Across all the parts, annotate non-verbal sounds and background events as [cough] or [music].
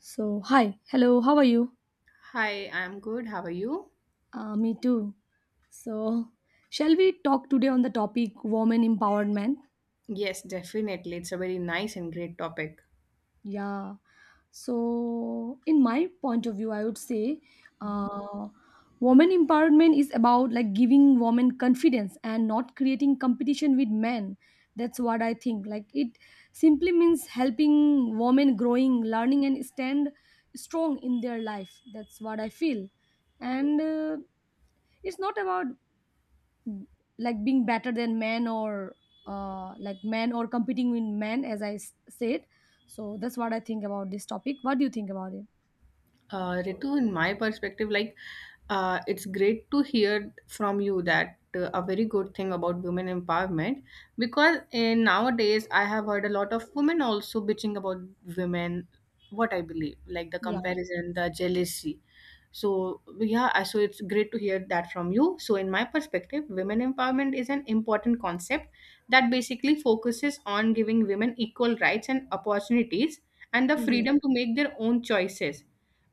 So, hi, hello, how are you? Hi, I'm good. How are you? Me too. So, shall we talk today on the topic women empowerment? Yes, definitely. It's a very nice and great topic. Yeah. So, in my point of view, I would say Mhm. uh, women empowerment is about like giving women confidence and not creating competition with men. That's what I think. Like, it simply means helping women growing, learning, and stand strong in their life. That's what I feel. And it's not about like being better than men or like men or competing with men as I said. So that's what I think about this topic. What do you think about it? Ritu, in my perspective, like it's great to hear from you that a very good thing about women empowerment, because in nowadays I have heard a lot of women also bitching about women. What I believe, like the Yeah. comparison, the jealousy. So yeah, so it's great to hear that from you. So in my perspective, women empowerment is an important concept that basically focuses on giving women equal rights and opportunities and the Yes, freedom to make their own choices,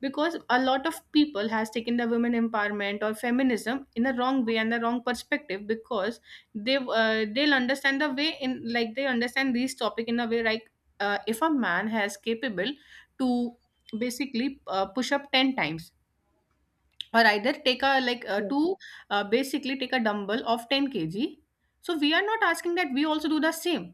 because a lot of people has taken the women empowerment or feminism in a wrong way and the wrong perspective. Because they'll understand the way in, like, they understand this topic in a way like, if a man has capable to basically push up 10 times, or either take a like yes, to basically take a dumbbell of 10 kg, so we are not asking that we also do the same,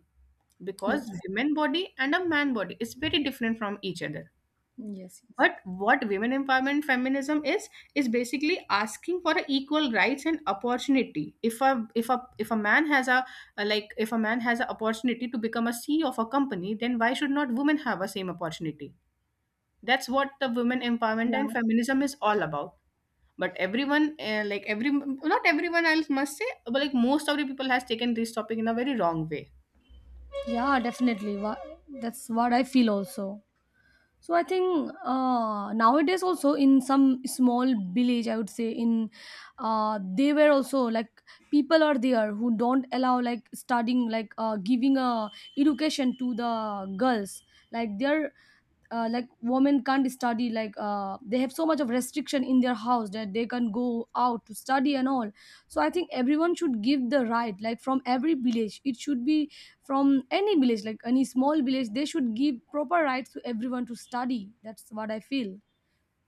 yes. because women body and a man body is very different from each other. Yes, yes. But what women empowerment feminism is basically asking for a equal rights and opportunity. If a if a if a man has a, like if a man has an opportunity to become a CEO of a company, then why should not women have a same opportunity? That's what the women empowerment Yeah, and feminism is all about. But everyone like every, not everyone else must say, but like most of the people has taken this topic in a very wrong way. yeah, definitely. That's what I feel also. So I think nowadays also in some small village, I would say, in they were also like people are there who don't allow like studying, like giving a education to the girls. Like they're like women can't study, like they have so much of restriction in their house that they can go out to study and all. So I think everyone should give the right, like from every village it should be, from any village, like any small village, they should give proper rights to everyone to study. That's what I feel.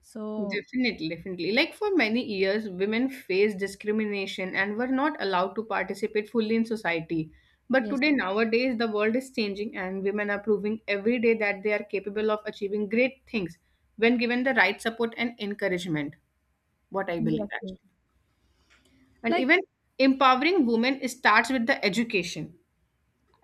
So Definitely, definitely. Like for many years, women faced discrimination and were not allowed to participate fully in society. But yes. today, nowadays, the world is changing and women are proving every day that they are capable of achieving great things when given the right support and encouragement, what I Yes, believe, yes. actually. And Like. even empowering women starts with the education,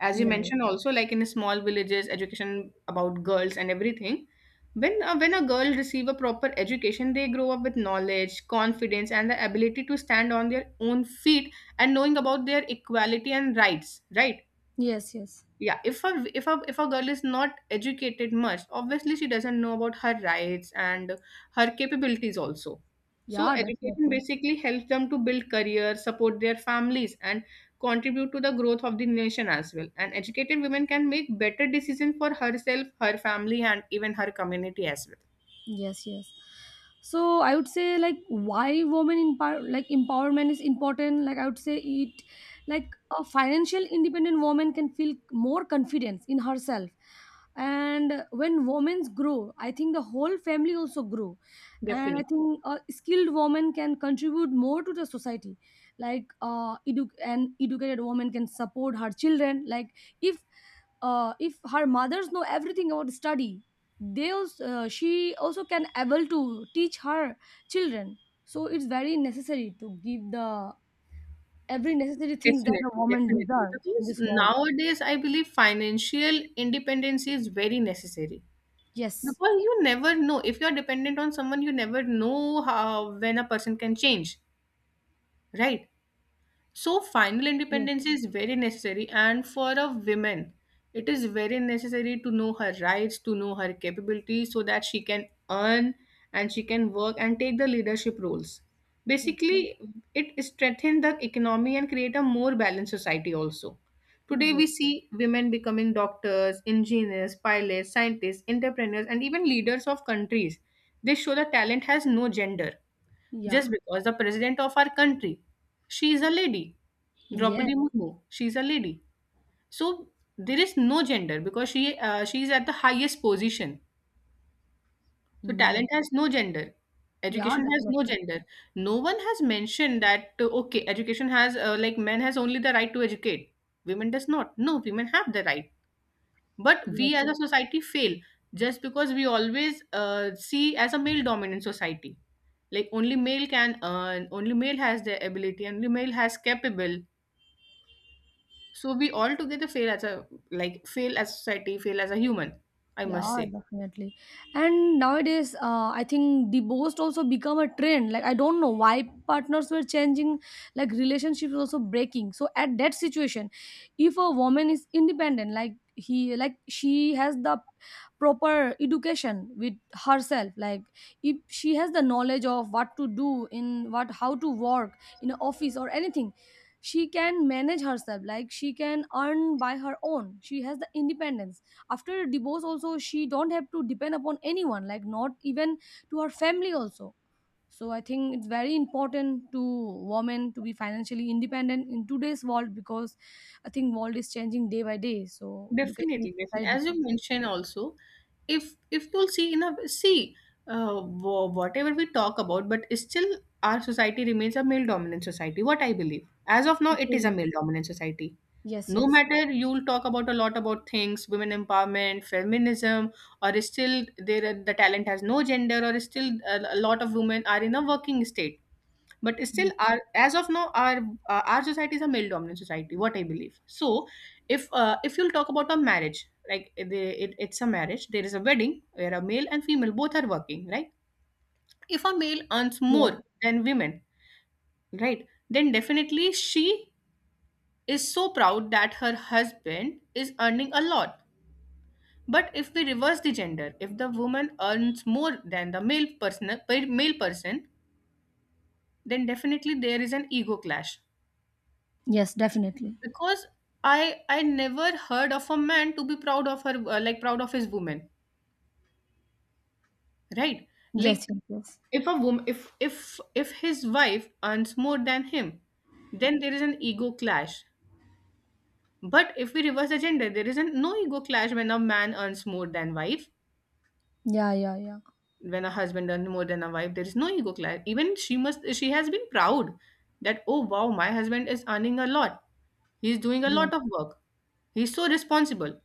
as you Yeah. mentioned also, like in small villages, education about girls and everything. When when a girl receive a proper education, they grow up with knowledge, confidence, and the ability to stand on their own feet, and knowing about their equality and rights, right? Yes, yes. Yeah, if a girl is not educated much, obviously she doesn't know about her rights and her capabilities also. So Yeah, education definitely. basically helps them to build career, support their families, and contribute to the growth of the nation as well, and educated women can make better decisions for herself, her family, and even her community as well. Yes, yes. So I would say like why women in power, like empowerment is important. Like I would say it, like a financial independent woman can feel more confidence in herself. And when women grow, I think the whole family also grow. And I Definitely, think a skilled woman can contribute more to the society. Like an educated woman can support her children. Like if if her mothers know everything about study, they also, she also can able to teach her children. So it's very necessary to give the every necessary things that a definitely, woman definitely. deserve in Because this world. nowadays, I believe financial independence is very necessary. Yes, Because you never know. If you're dependent on someone, you never know how, when a person can change, right? So final yes. independence is very necessary, and for a woman, it is very necessary to know her rights, to know her capabilities, so that she can earn and she can work and take the leadership roles. Yes. Yes, Basically, it strengthens the economy and create a more balanced society also. Today we yes. see women becoming doctors, engineers, pilots, scientists, entrepreneurs, and even leaders of countries. This show that talent has no gender. Yeah. Just because the president of our country, she is a lady. Yeah, Draupadi yes, Murmu, she is a lady. So there is no gender because she is at the highest position. So talent yes. has no gender. Yeah, Education has no definitely. gender. No one has mentioned that, okay, education has, like, men has only the right to educate. Women does not. No, women have the right, but Yes, we as yes. a society fail, just because we always see as a male dominant society, like only male can earn, only male has the ability, only male has capable. So we all together fail as a, like fail as society, fail as a human, I must Yeah, say. definitely. And nowadays, I think divorce also become a trend. Like I don't know why partners were changing, like relationships also breaking. So at that situation, if a woman is independent, like he, like she has the proper education with herself. Like if she has the knowledge of what to do in what, how to work in an office or anything, she can manage herself. Like she can earn by her own. She has the independence after divorce also. She don't have to depend upon anyone, like not even to her family also. So I think it's very important to women to be financially independent in today's world, because I think world is changing day by day, so education is Definitely, definitely. very As you different. mentioned also, if you'll see in a see, whatever we talk about, but still our society remains a male dominant society. What I believe, as of now, it is a Okay. male dominant society. Yes, No yes. matter you'll talk about a lot about things, women empowerment, feminism, or still the talent has no gender, or still a lot of women are in a working state, but still Yes. our, as of now, our society is a male dominant society, what I believe. So if you'll talk about a marriage, like it's a marriage, there is a wedding where a male and female both are working, right? If a male earns Yes, more than women, right, then definitely she is so proud that her husband is earning a lot. But if we reverse the gender, if the woman earns more than the male person, male person, then definitely there is an ego clash, yes. Definitely. because i I never heard of a man to be proud of her, like proud of his woman, right? Yes, Like yes. Yes. if a woman, if his wife earns more than him, then there is an ego clash. But if we reverse the gender, there isn't no ego clash when a man earns more than wife. Yeah, yeah, yeah. When a husband earns more than a wife, there is no ego clash. Even she must, she has been proud that, oh wow, my husband is earning a lot, he's doing a Yeah. lot of work, he's so responsible.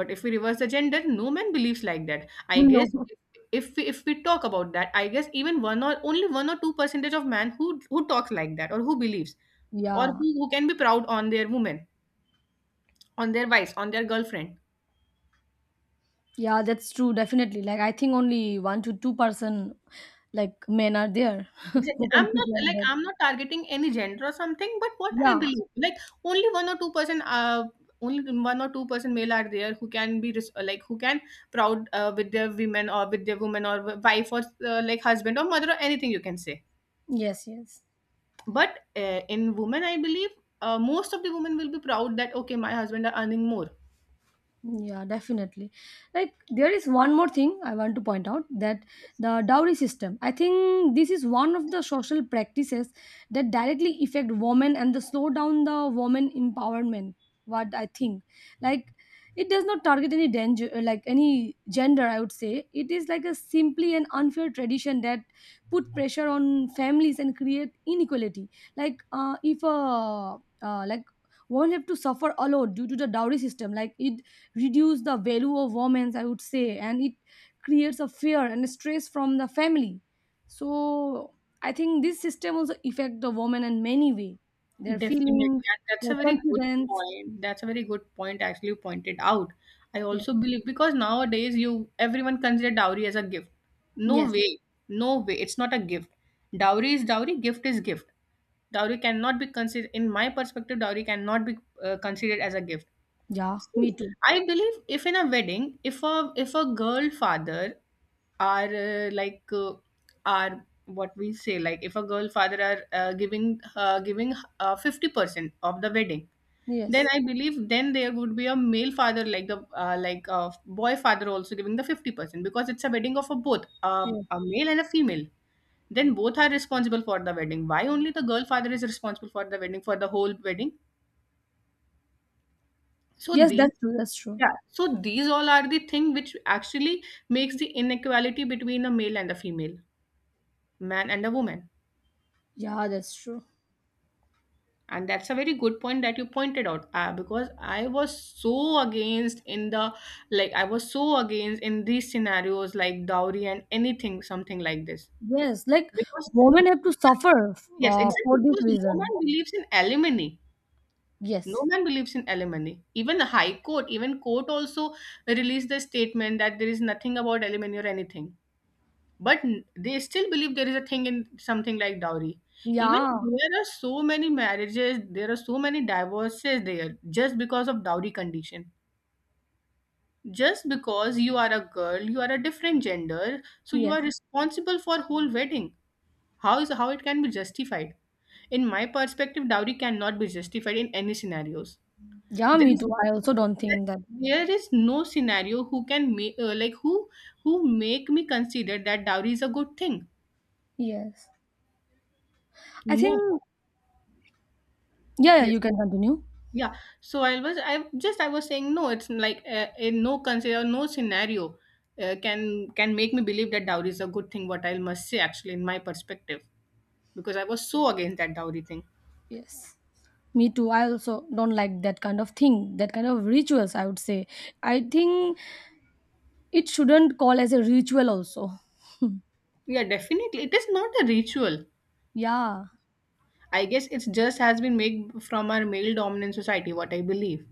But if we reverse the gender, no man believes like that. [laughs] I guess No. if we talk about that, I guess even one or only one or two percentage of man who talks like that or who believes, or Yeah, who can be proud on their woman, on their wife, on their girlfriend. yeah, that's true. Definitely, like I think only 1 to 2% like men are there, [laughs] Exactly. who can keep their. I'm not targeting any gender or something, but what I Yeah. believe, like only 1 or 2%, only 1 or 2% male are there who can be like who can proud, with their women or with their woman or wife or like husband or mother or anything you can say. Yes. Yes. But in women I believe, most of the women will be proud that okay my husband are earning more. Yeah, definitely. Like there is one more thing I want to point out, that the dowry system. I think this is one of the social practices that directly affect women and the slow down the women empowerment. What I think, like, it does not target any danger, like any gender. I would say it is like a simply an unfair tradition that put pressure on families and create inequality. Like if a like will have to suffer alone due to the dowry system. Like it reduce the value of women, I would say, and it creates a fear and stress from the family. So I think this system also affect the woman in many way, their Definitely, feelings, and that's their a very good confidence. point, that's a very good point actually you pointed out. I Yeah. also believe, because nowadays you, everyone consider dowry as a gift. No Yes. way, no way, it's not a gift. Dowry is dowry, gift is gift. Dowry cannot be considered, in my perspective dowry cannot be considered as a gift. Yeah, me See, too. I believe if in a wedding, if a girl father are, are what we say, like if a girl father are giving 50% of the wedding, then Yes, I believe then there would be a male father, like the, like a boy father also giving the 50%, because it's a wedding of a both, yes. a male and a female. Then both are responsible for the wedding. Why only the girl father is responsible for the wedding, for the whole wedding? So Yes, that's these... true. That's true. Yeah, so these all are the thing which actually makes the inequality between a male and a female, man and a woman. Yeah, that's true. And that's a very good point that you pointed out, because I was so against in the, like I was so against in these scenarios like dowry and anything something like this. Yes, like Because no women have to man, suffer yes exactly, for this because no reason. man believes in alimony. No Yes. man believes in alimony. Even the high court, even court also released the statement that there is nothing about alimony or anything, but they still believe there is a thing in something like dowry. Even Yeah. there are so many marriages, there are so many divorces there, just because of dowry condition. Just because you are a girl, you are a different gender, so you are Yes. responsible for whole wedding. How is, how it can be justified? In my perspective, dowry cannot be justified in any scenarios. Yeah, there me is too. I also don't think that. there is no scenario who can make, like who who make me consider that dowry is a good thing. Yes. I think. No. Yeah, yeah, you can continue. Yeah, so I was saying no. It's like a no consider no scenario, can make me believe that dowry is a good thing. What I must say, actually, in my perspective, because I was so against that dowry thing. Yes. Me too. I also don't like that kind of thing, that kind of rituals, I would say. I think it shouldn't call as a ritual also. Yeah, definitely it is not a ritual. Yeah. I guess it's just has been made from our male dominant society. What I believe.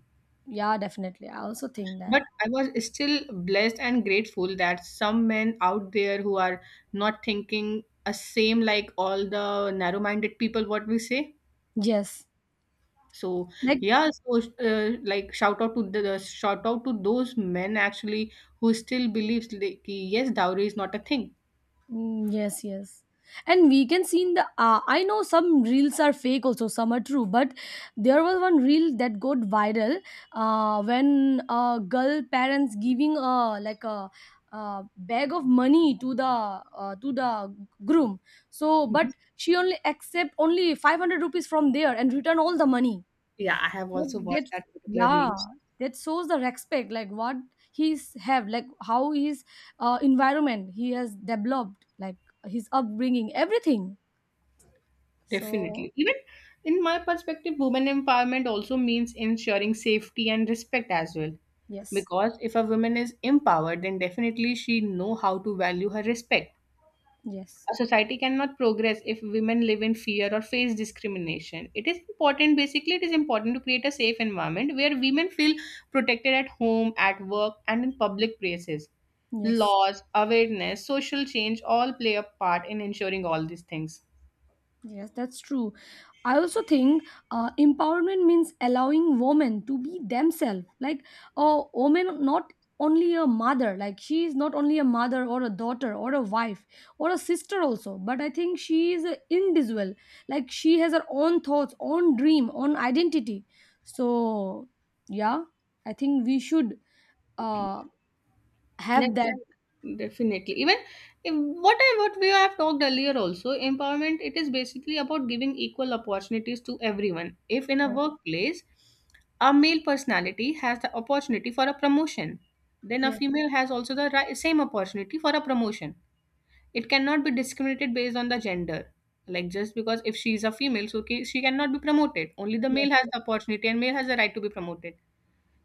Yeah, definitely. I also think that. But I was still blessed and grateful that some men out there who are not thinking a same like all the narrow-minded people, what we say. Yes. So Like. yeah, so like shout out to shout out to those men actually who still believes like, कि yes, dowry is not a thing. Mm, yes, yes. And we can see in the I know some reels are fake also, some are true, but there was one reel that got viral when girl parents giving a like a, bag of money to the groom. So, but Mhm. she only accept only 500 rupees from there and return all the money, Yeah, I have like also watched that. that particular Yeah, reel. that shows the respect, like what he's have, like how his environment he has developed, like his upbringing, everything. So Definitely. Even in my perspective, women empowerment also means ensuring safety and respect as well. yes. Because if a woman is empowered, then definitely she know how to value her respect. Yes. A society cannot progress if women live in fear or face discrimination. It is important, basically, it is important to create a safe environment where women feel protected at home, at work, and in public places. Yes. Laws, awareness, social change all play a part in ensuring all these things. Yes, that's true. I also think empowerment means allowing women to be themselves. Like a woman, not only a mother, like she is not only a mother or a daughter or a wife or a sister also, but I think she is an individual. Like she has her own thoughts, own dream, own identity. So, yeah, I think we should uh, have that. Definitely. Definitely. Even if what we have talked earlier also, empowerment it is basically about giving equal opportunities to everyone. If in a workplace a male personality has the opportunity for a promotion, then a Yes, female has also the same opportunity for a promotion. It cannot be discriminated based on the gender. Like just because if she is a female, so she cannot be promoted. Only the male yes. has the opportunity and male has the right to be promoted.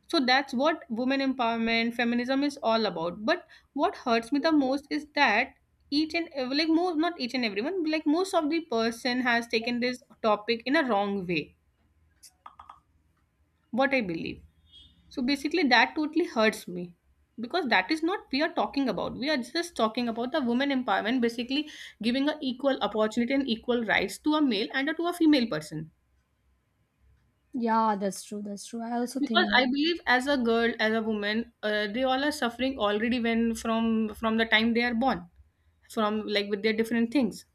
So that's what women empowerment, feminism is all about. But what hurts me the most is that like most, not each and everyone, but like most of the person has taken this topic in a wrong way. What I believe. So basically, that totally hurts me because that is not we are talking about. We are just talking about the women empowerment, basically giving a equal opportunity and equal rights to a male and to a female person, Yeah, that's true. That's true. I also because think I that. believe as a girl, as a woman, they all are suffering already when from the time they are born, from like with their different things.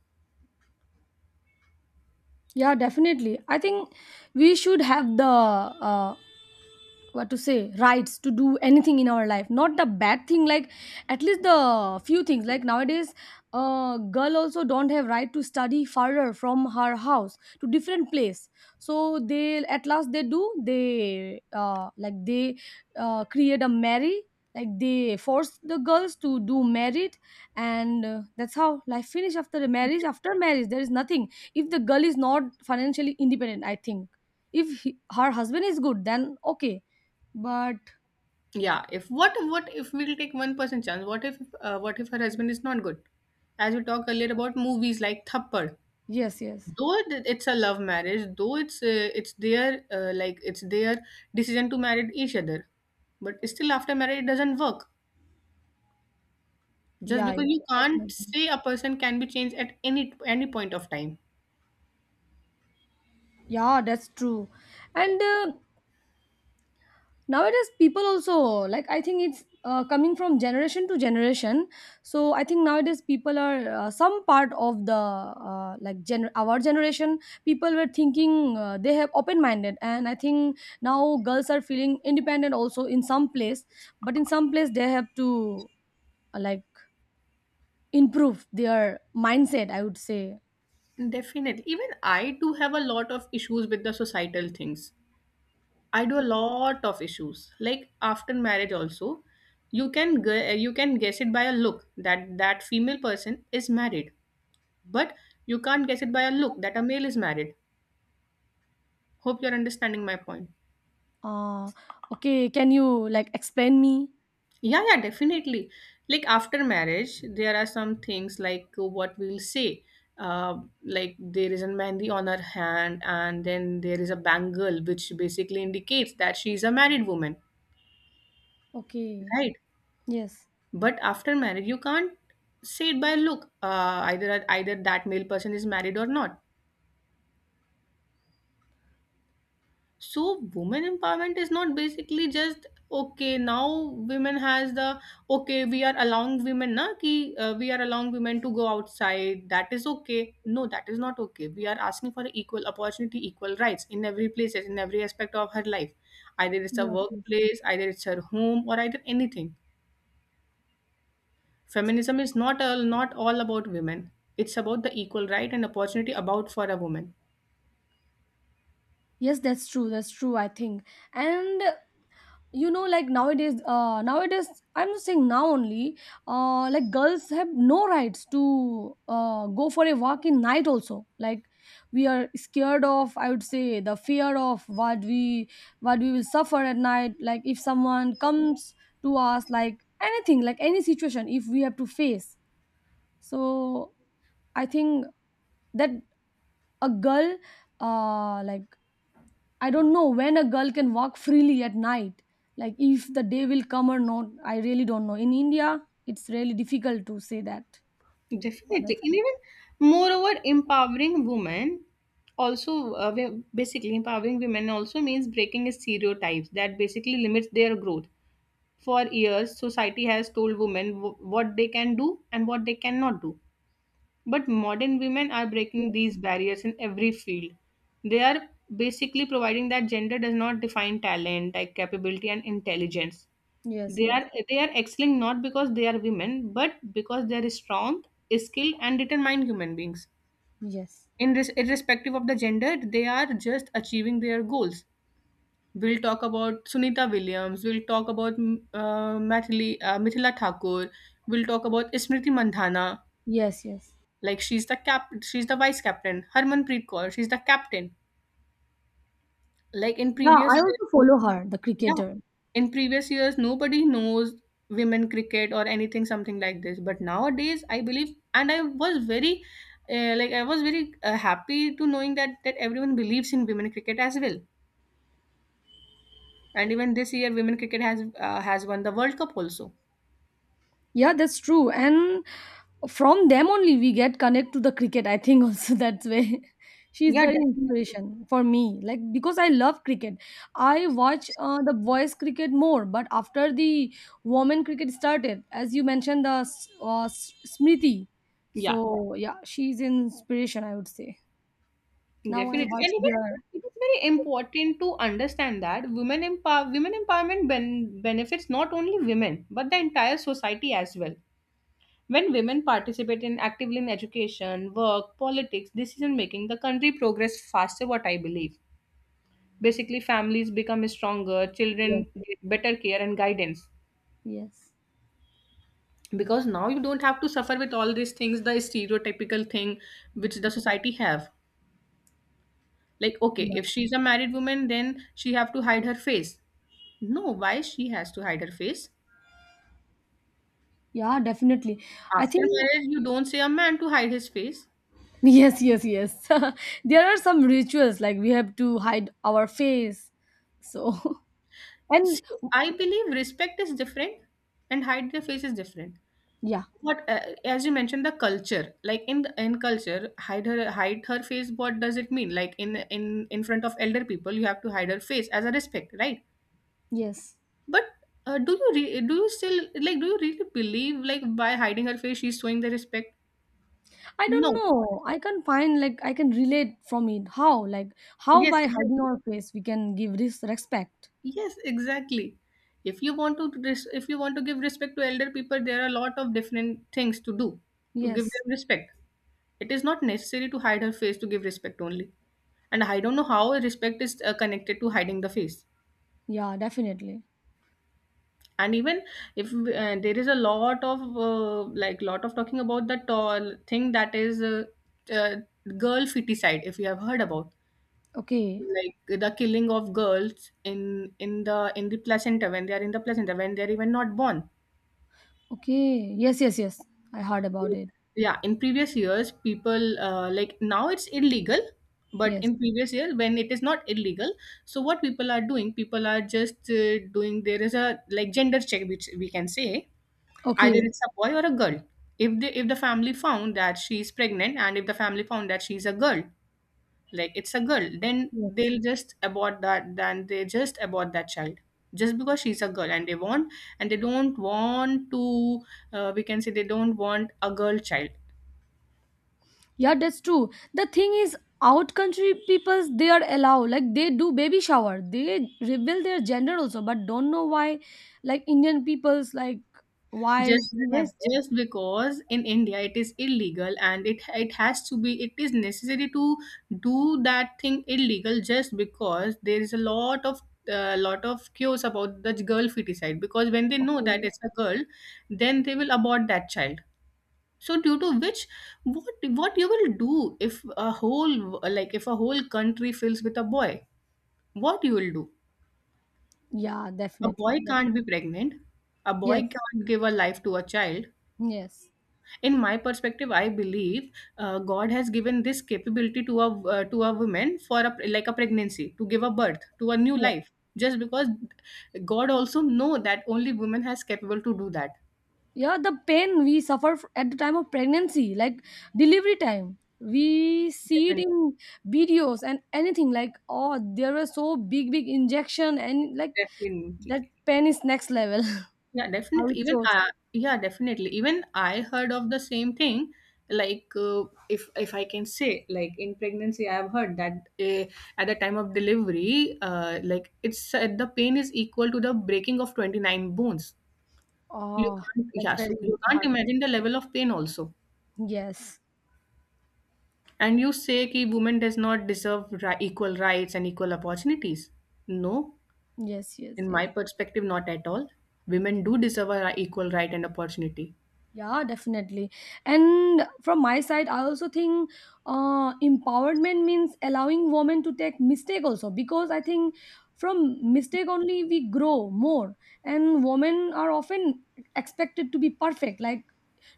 Yeah, definitely. I think we should have the what to say, rights to do anything in our life, not the bad thing. Like at least the few things, like nowadays girl also don't have right to study further from her house to different place. So they at last they do, they create a marry, like they force the girls to do married. And that's how life finish after the marriage. After marriage there is nothing if the girl is not financially independent. I think if he, her husband is good then okay, but. Yeah, if what if we'll take 1% chance, what if her husband is not good, as we talked earlier about movies like thappad. Yes, yes. Though it's a love marriage, though it's their uh, like it's their decision to marry each other, but still after marriage it doesn't work. Just Yeah, yeah, because you can't definitely. say a person can be changed at any point of time. Yeah, that's true. And nowadays, people also, like I think it's coming from generation to generation. So I think nowadays people are some part of the our generation, people were thinking they have open minded, and I think now girls are feeling independent also in some place, but in some place they have to like improve their mindset, I would say. Definitely. Even I do have a lot of issues with the societal things. I do a lot of issues. Like after marriage also, you can guess it by a look that that female person is married, but you can't guess it by a look that a male is married. Hope you're understanding my point. Ah, okay. Can you like explain me? Yeah, yeah, definitely. Like after marriage, there are some things like what we'll say. Like there is a mehndi on her hand, and then there is a bangle, which basically indicates that she is a married woman, Okay. right? Yes. But after marriage, you can't say it by look. Either that male person is married or not. So women empowerment is not basically just okay now women has the, okay, we are allowing women to go outside, that is okay. No, that is not okay. We are asking for equal opportunity, equal rights in every place, in every aspect of her life, either it's a Yes. Yes. workplace, either it's her home, or either anything. Feminism is not all about women, it's about the equal right and opportunity about for a woman. Yes, that's true. That's true. I think, and you know, like nowadays, nowadays, I'm just saying now only, like girls have no rights to go for a walk in night also, like we are scared of, I would say, the fear of what we will suffer at night. Like if someone comes to us, like anything, like any situation, if we have to face. So I think that a girl, like I don't know when a girl can walk freely at night. Like if the day will come or not, I really don't know. In India, it's really difficult to say that. Definitely. What I And feel. even moreover, empowering women also we- basically empowering women also means breaking stereotypes that basically limits their growth. For years, society has told women what they can do and what they cannot do. But modern women are breaking Yes, these barriers in every field. They are basically providing that gender does not define talent, like capability and intelligence. yes, They yes, are they are excelling not because they are women, but because they are strong, skilled, and determined human beings. yes, In this, irrespective of the gender, they are just achieving their goals. We'll talk about Sunita Williams. We'll talk about Mithila Thakur. We'll talk about Smriti Mandhana. yes, yes. Like she's the vice captain. Harmanpreet Kaur, she's the captain. Like in Yeah, previous, I also follow her, the yeah. cricketer. In previous years, nobody knows women cricket or anything, something like this. But nowadays, I believe, and I was very happy to knowing that that everyone believes in women cricket as well. And even this year, women cricket has won the World Cup also. Yeah, that's true. And from them only we get connect to the cricket, I think also. [laughs] That's way she's Yeah, very definitely. inspiration for me. Like because I love cricket, I watch the boys cricket more. But after the women cricket started, as you mentioned, the Smriti. Yeah, So yeah, she's inspiration, I would say. Now I definitely. watch And even their. it is very important to understand that women empowerment benefits not only women but the entire society as well. When women participate in actively in education, work, politics, decision making, the country progress faster, what I believe. Basically families become stronger, Yes. children get better care and guidance. Yes. Because now you don't have to suffer with all these things, the stereotypical thing which the society have. Like okay, if she's a married woman then she have to hide her face. No, why she has to hide her face? Yeah, definitely. I After think. marriage you don't say a man to hide his face. [laughs] Yes, yes, yes. [laughs] There are some rituals like we have to hide our face. So, [laughs] and. See, I believe respect is different and hide their face is different. Yeah, What As you mentioned, the culture, like in culture hide her face, what does it mean? Like in front of elder people you have to hide her face as a respect, right? yes. But do you re- do you still like do you really believe like by hiding her face she's showing the respect? I don't No. know. I can find, like I can relate from it. How? Like how Yes, by hiding exactly. our face we can give this respect. Yes, exactly. if you want to res- If you want to give respect to elder people, there are a lot of different things to do to give Yes. them respect. It is not necessary to hide her face to give respect only. And I don't know how respect is connected to hiding the face. Yeah, definitely. And even if there is a lot of talking about the tall thing that is uh, girl feticide, if you have heard about, Okay. like the killing of girls in the placenta, when they are in the placenta, when they are even not born. Okay. Yes, yes, yes. I heard about it. Yeah, in previous years people, like, now it's illegal, but Yes. in previous years when it is not illegal, so what people are doing, people are just doing, there is a, like, gender check, which we can say, either Okay. it's a boy or a girl. If the family found that she is pregnant, and if the family found that she's a girl, like it's a girl, then Yes. they'll just abort that, then they just abort that child. Just because she's a girl and they want and they don't want to, we can say, they don't want a girl child. Yeah, that's true. The thing is, out country peoples they are allowed, like they do baby shower. They reveal their gender also, but don't know why. Like Indian peoples, like why Just does have? yes, just because in India it is illegal and it has to be it is necessary to do that thing illegal, just because there is a lot of cues about the girl feticide, because when they know that Okay. it's a girl, then they will abort that child. So due to which, what you will do if a whole, like if a whole country fills with a boy, what you will do? Yeah, A definitely. boy can't be pregnant. A boy Yes. can't give a life to a child. Yes. In my perspective, I believe God has given this capability to a, woman, for a pregnancy, to give a birth to a new Yeah. life. Just because God also know that only women has capable to do that. Yeah. The pain we suffer at the time of pregnancy, like delivery time. We see it Definitely, in videos and anything like oh there were so big big injection and like definitely. that pain is next level. Yeah, [laughs] How definitely, it even shows. uh, yeah definitely even I heard of the same thing. Like if I can say, like in pregnancy I have heard that at the time of delivery, like it's said the pain is equal to the breaking of 29 bones. You Oh, can't, that's yeah, so very you can't hard. imagine the level of pain also. Yes, And you say that women does not deserve equal rights and equal opportunities. No, yes, yes, in yes. my perspective, not at all. Women do deserve equal right and opportunity. Yeah, definitely. And from my side, I also think empowerment means allowing women to take mistake also, because I think from mistake only we grow more. And women are often expected to be perfect. Like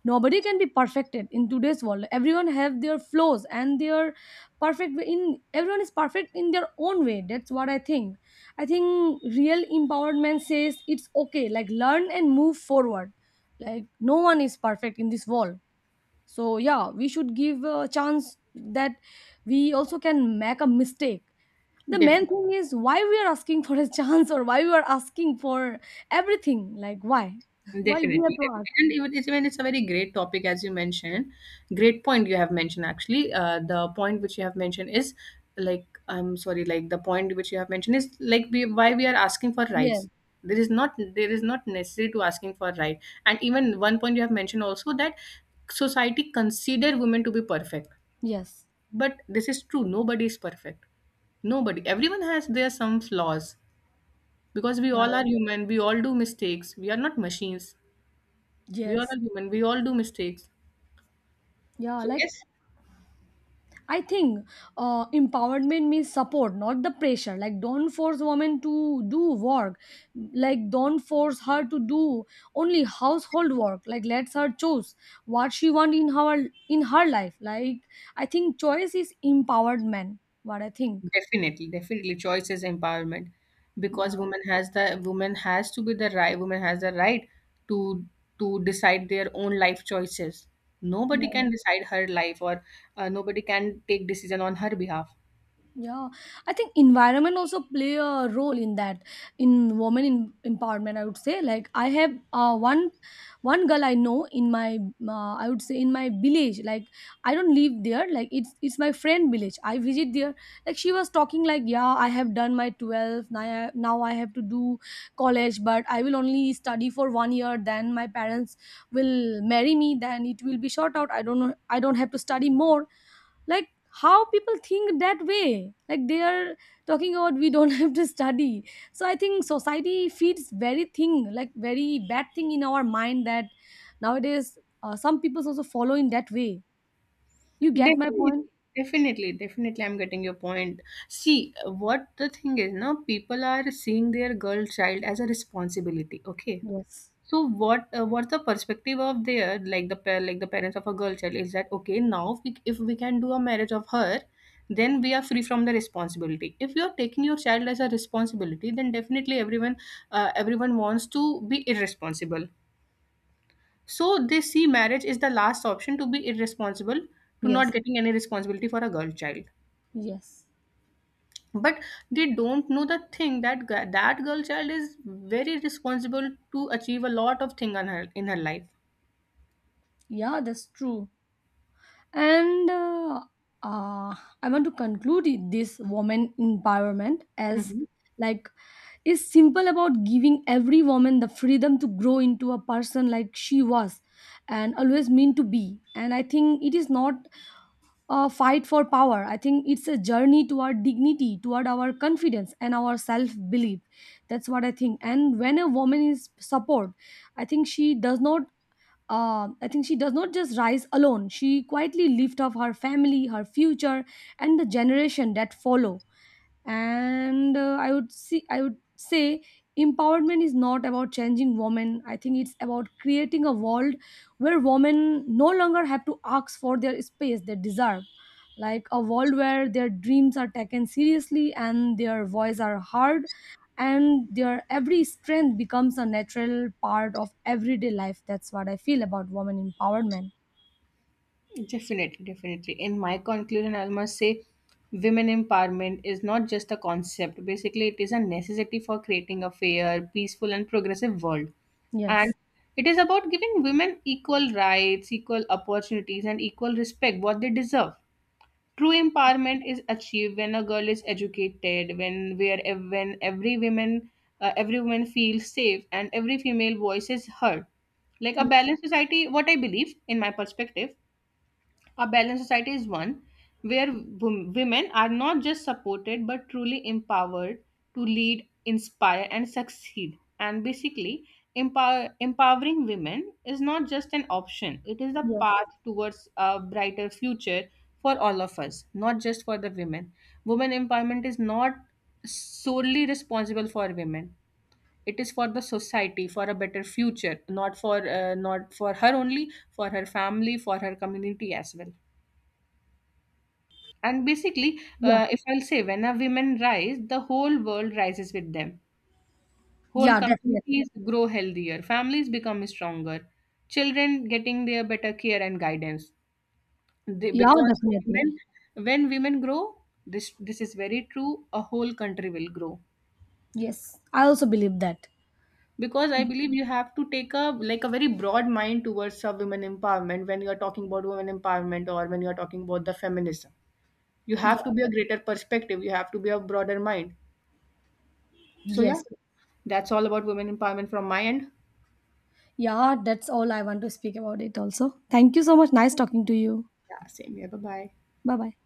nobody can be perfected in today's world. Everyone have their flaws and their perfect way, in everyone is perfect in their own way. That's what I think. I think real empowerment says it's okay. Like learn and move forward, like no one is perfect in this world. So yeah, we should give a chance that we also can make a mistake. The main Definitely. thing is why we are asking for a [laughs] chance, or why we are asking for everything, like why [laughs] why we have Definitely, to ask. definitely. And even it's a very great topic, as you mentioned. Great point you have mentioned, actually. The point which you have mentioned is, like, I'm sorry, like the point which you have mentioned is, like, why we are asking for Yes, rights. There is not necessary to asking for right. And even one point you have mentioned also that society consider women to be perfect, yes. but this is true. Nobody is perfect. Nobody. Everyone has their some flaws because we Yeah, all yeah. are human. We all do mistakes. We are not machines. We all are Yes. all human. We all do mistakes. Yeah, So like yes, I think empowerment means support, not the pressure. Like, don't force women to do work. Like, don't force her to do only household work. Like, let her choose what she want in her life. Like, I think choice is empowerment. What I think. definitely, definitely, choice is empowerment Yeah. because woman has to be the right. Woman has the right to to decide their own life choices. Nobody can decide her life, or nobody can take decision on her behalf. Yeah, I think environment also play a role in that, in women in empowerment, I would say. Like I have one one girl I know in my I would say in my village. Like I don't live there. Like it's my friend village. I visit there. Like she was talking like yeah I have done my 12, now now I have to do college, but I will only study for 1 year. Then my parents will marry me. Then it will be short out. I don't know. I don't have to study more, like how people think that way, like they are talking about we don't [laughs] have to study. So I think society feeds very thing, like very bad thing in our mind, that nowadays some people also follow in that way. You get my Definitely, point? definitely, definitely. I'm getting your point. See, what the thing is now, people are seeing their girl child as a responsibility. Okay. Yes. So what's the perspective of their, like like the parents of a girl child, is that okay now if we can do a marriage of her, then we are free from the responsibility. If you are taking your child as a responsibility, then definitely everyone, everyone wants to be irresponsible, so they see marriage is the last option to be irresponsible, to not Yes. getting any responsibility for a girl child. Yes. But they don't know the thing that that girl child is very responsible to achieve a lot of thing on her in her Yeah, that's true. And uh, I want to conclude this woman empowerment life. as, like, is simple about giving every woman the freedom to grow into a person like she was and always meant to be. And I think it is not a fight for power. I think it's a journey toward dignity, toward our confidence and our self belief. That's what I think. And when a woman is support, I think she does not I think she does not just rise alone. She quietly lifts up her family, her future, and the generation that follow. And I would see, I would say empowerment is not about changing women. I think it's about creating a world where women no longer have to ask for their space they deserve, like a world where their dreams are taken seriously and their voice are heard, and their every strength becomes a natural part of everyday life. That's what I feel about women empowerment. Definitely, definitely. In my conclusion, I must say women empowerment is not just a concept. Basically, it is a necessity for creating a fair, peaceful, and progressive world. And Yes. it is about giving women equal rights, equal opportunities, and equal respect what they deserve. True empowerment is achieved when a girl is educated, when where ev- when every woman feels safe and every female voice is heard. Like a Ye- balanced society, what I believe, in my perspective, a balanced society is one where women are not just supported but truly empowered to lead, inspire, and succeed. And basically, empowering women is not just an option, it is the yes. path towards a brighter future for all of us, not just for the women. Women empowerment is not solely responsible for women, it is for the society, for a better future, not for her only, for her family, for her community as well. And basically, Yeah. if I'll say, when a women rise, the whole world rises with them. Whole Yeah, definitely. communities grow healthier, families become stronger, children getting their better care and guidance. They, Yeah, because definitely. women, when women grow, this is very true. A whole country will grow. Yes, I also believe that. Because I believe you have to take a very broad mind towards a women empowerment, when you are talking about women empowerment or when you are talking about the feminism. You have to Yeah. be a greater perspective. You have to be a broader mind. So yeah. Yes. That's all about women empowerment from my end. Yeah, that's all I want to speak about it also. Thank you so much. Nice talking to you. Yeah, same here. Bye bye. Bye bye.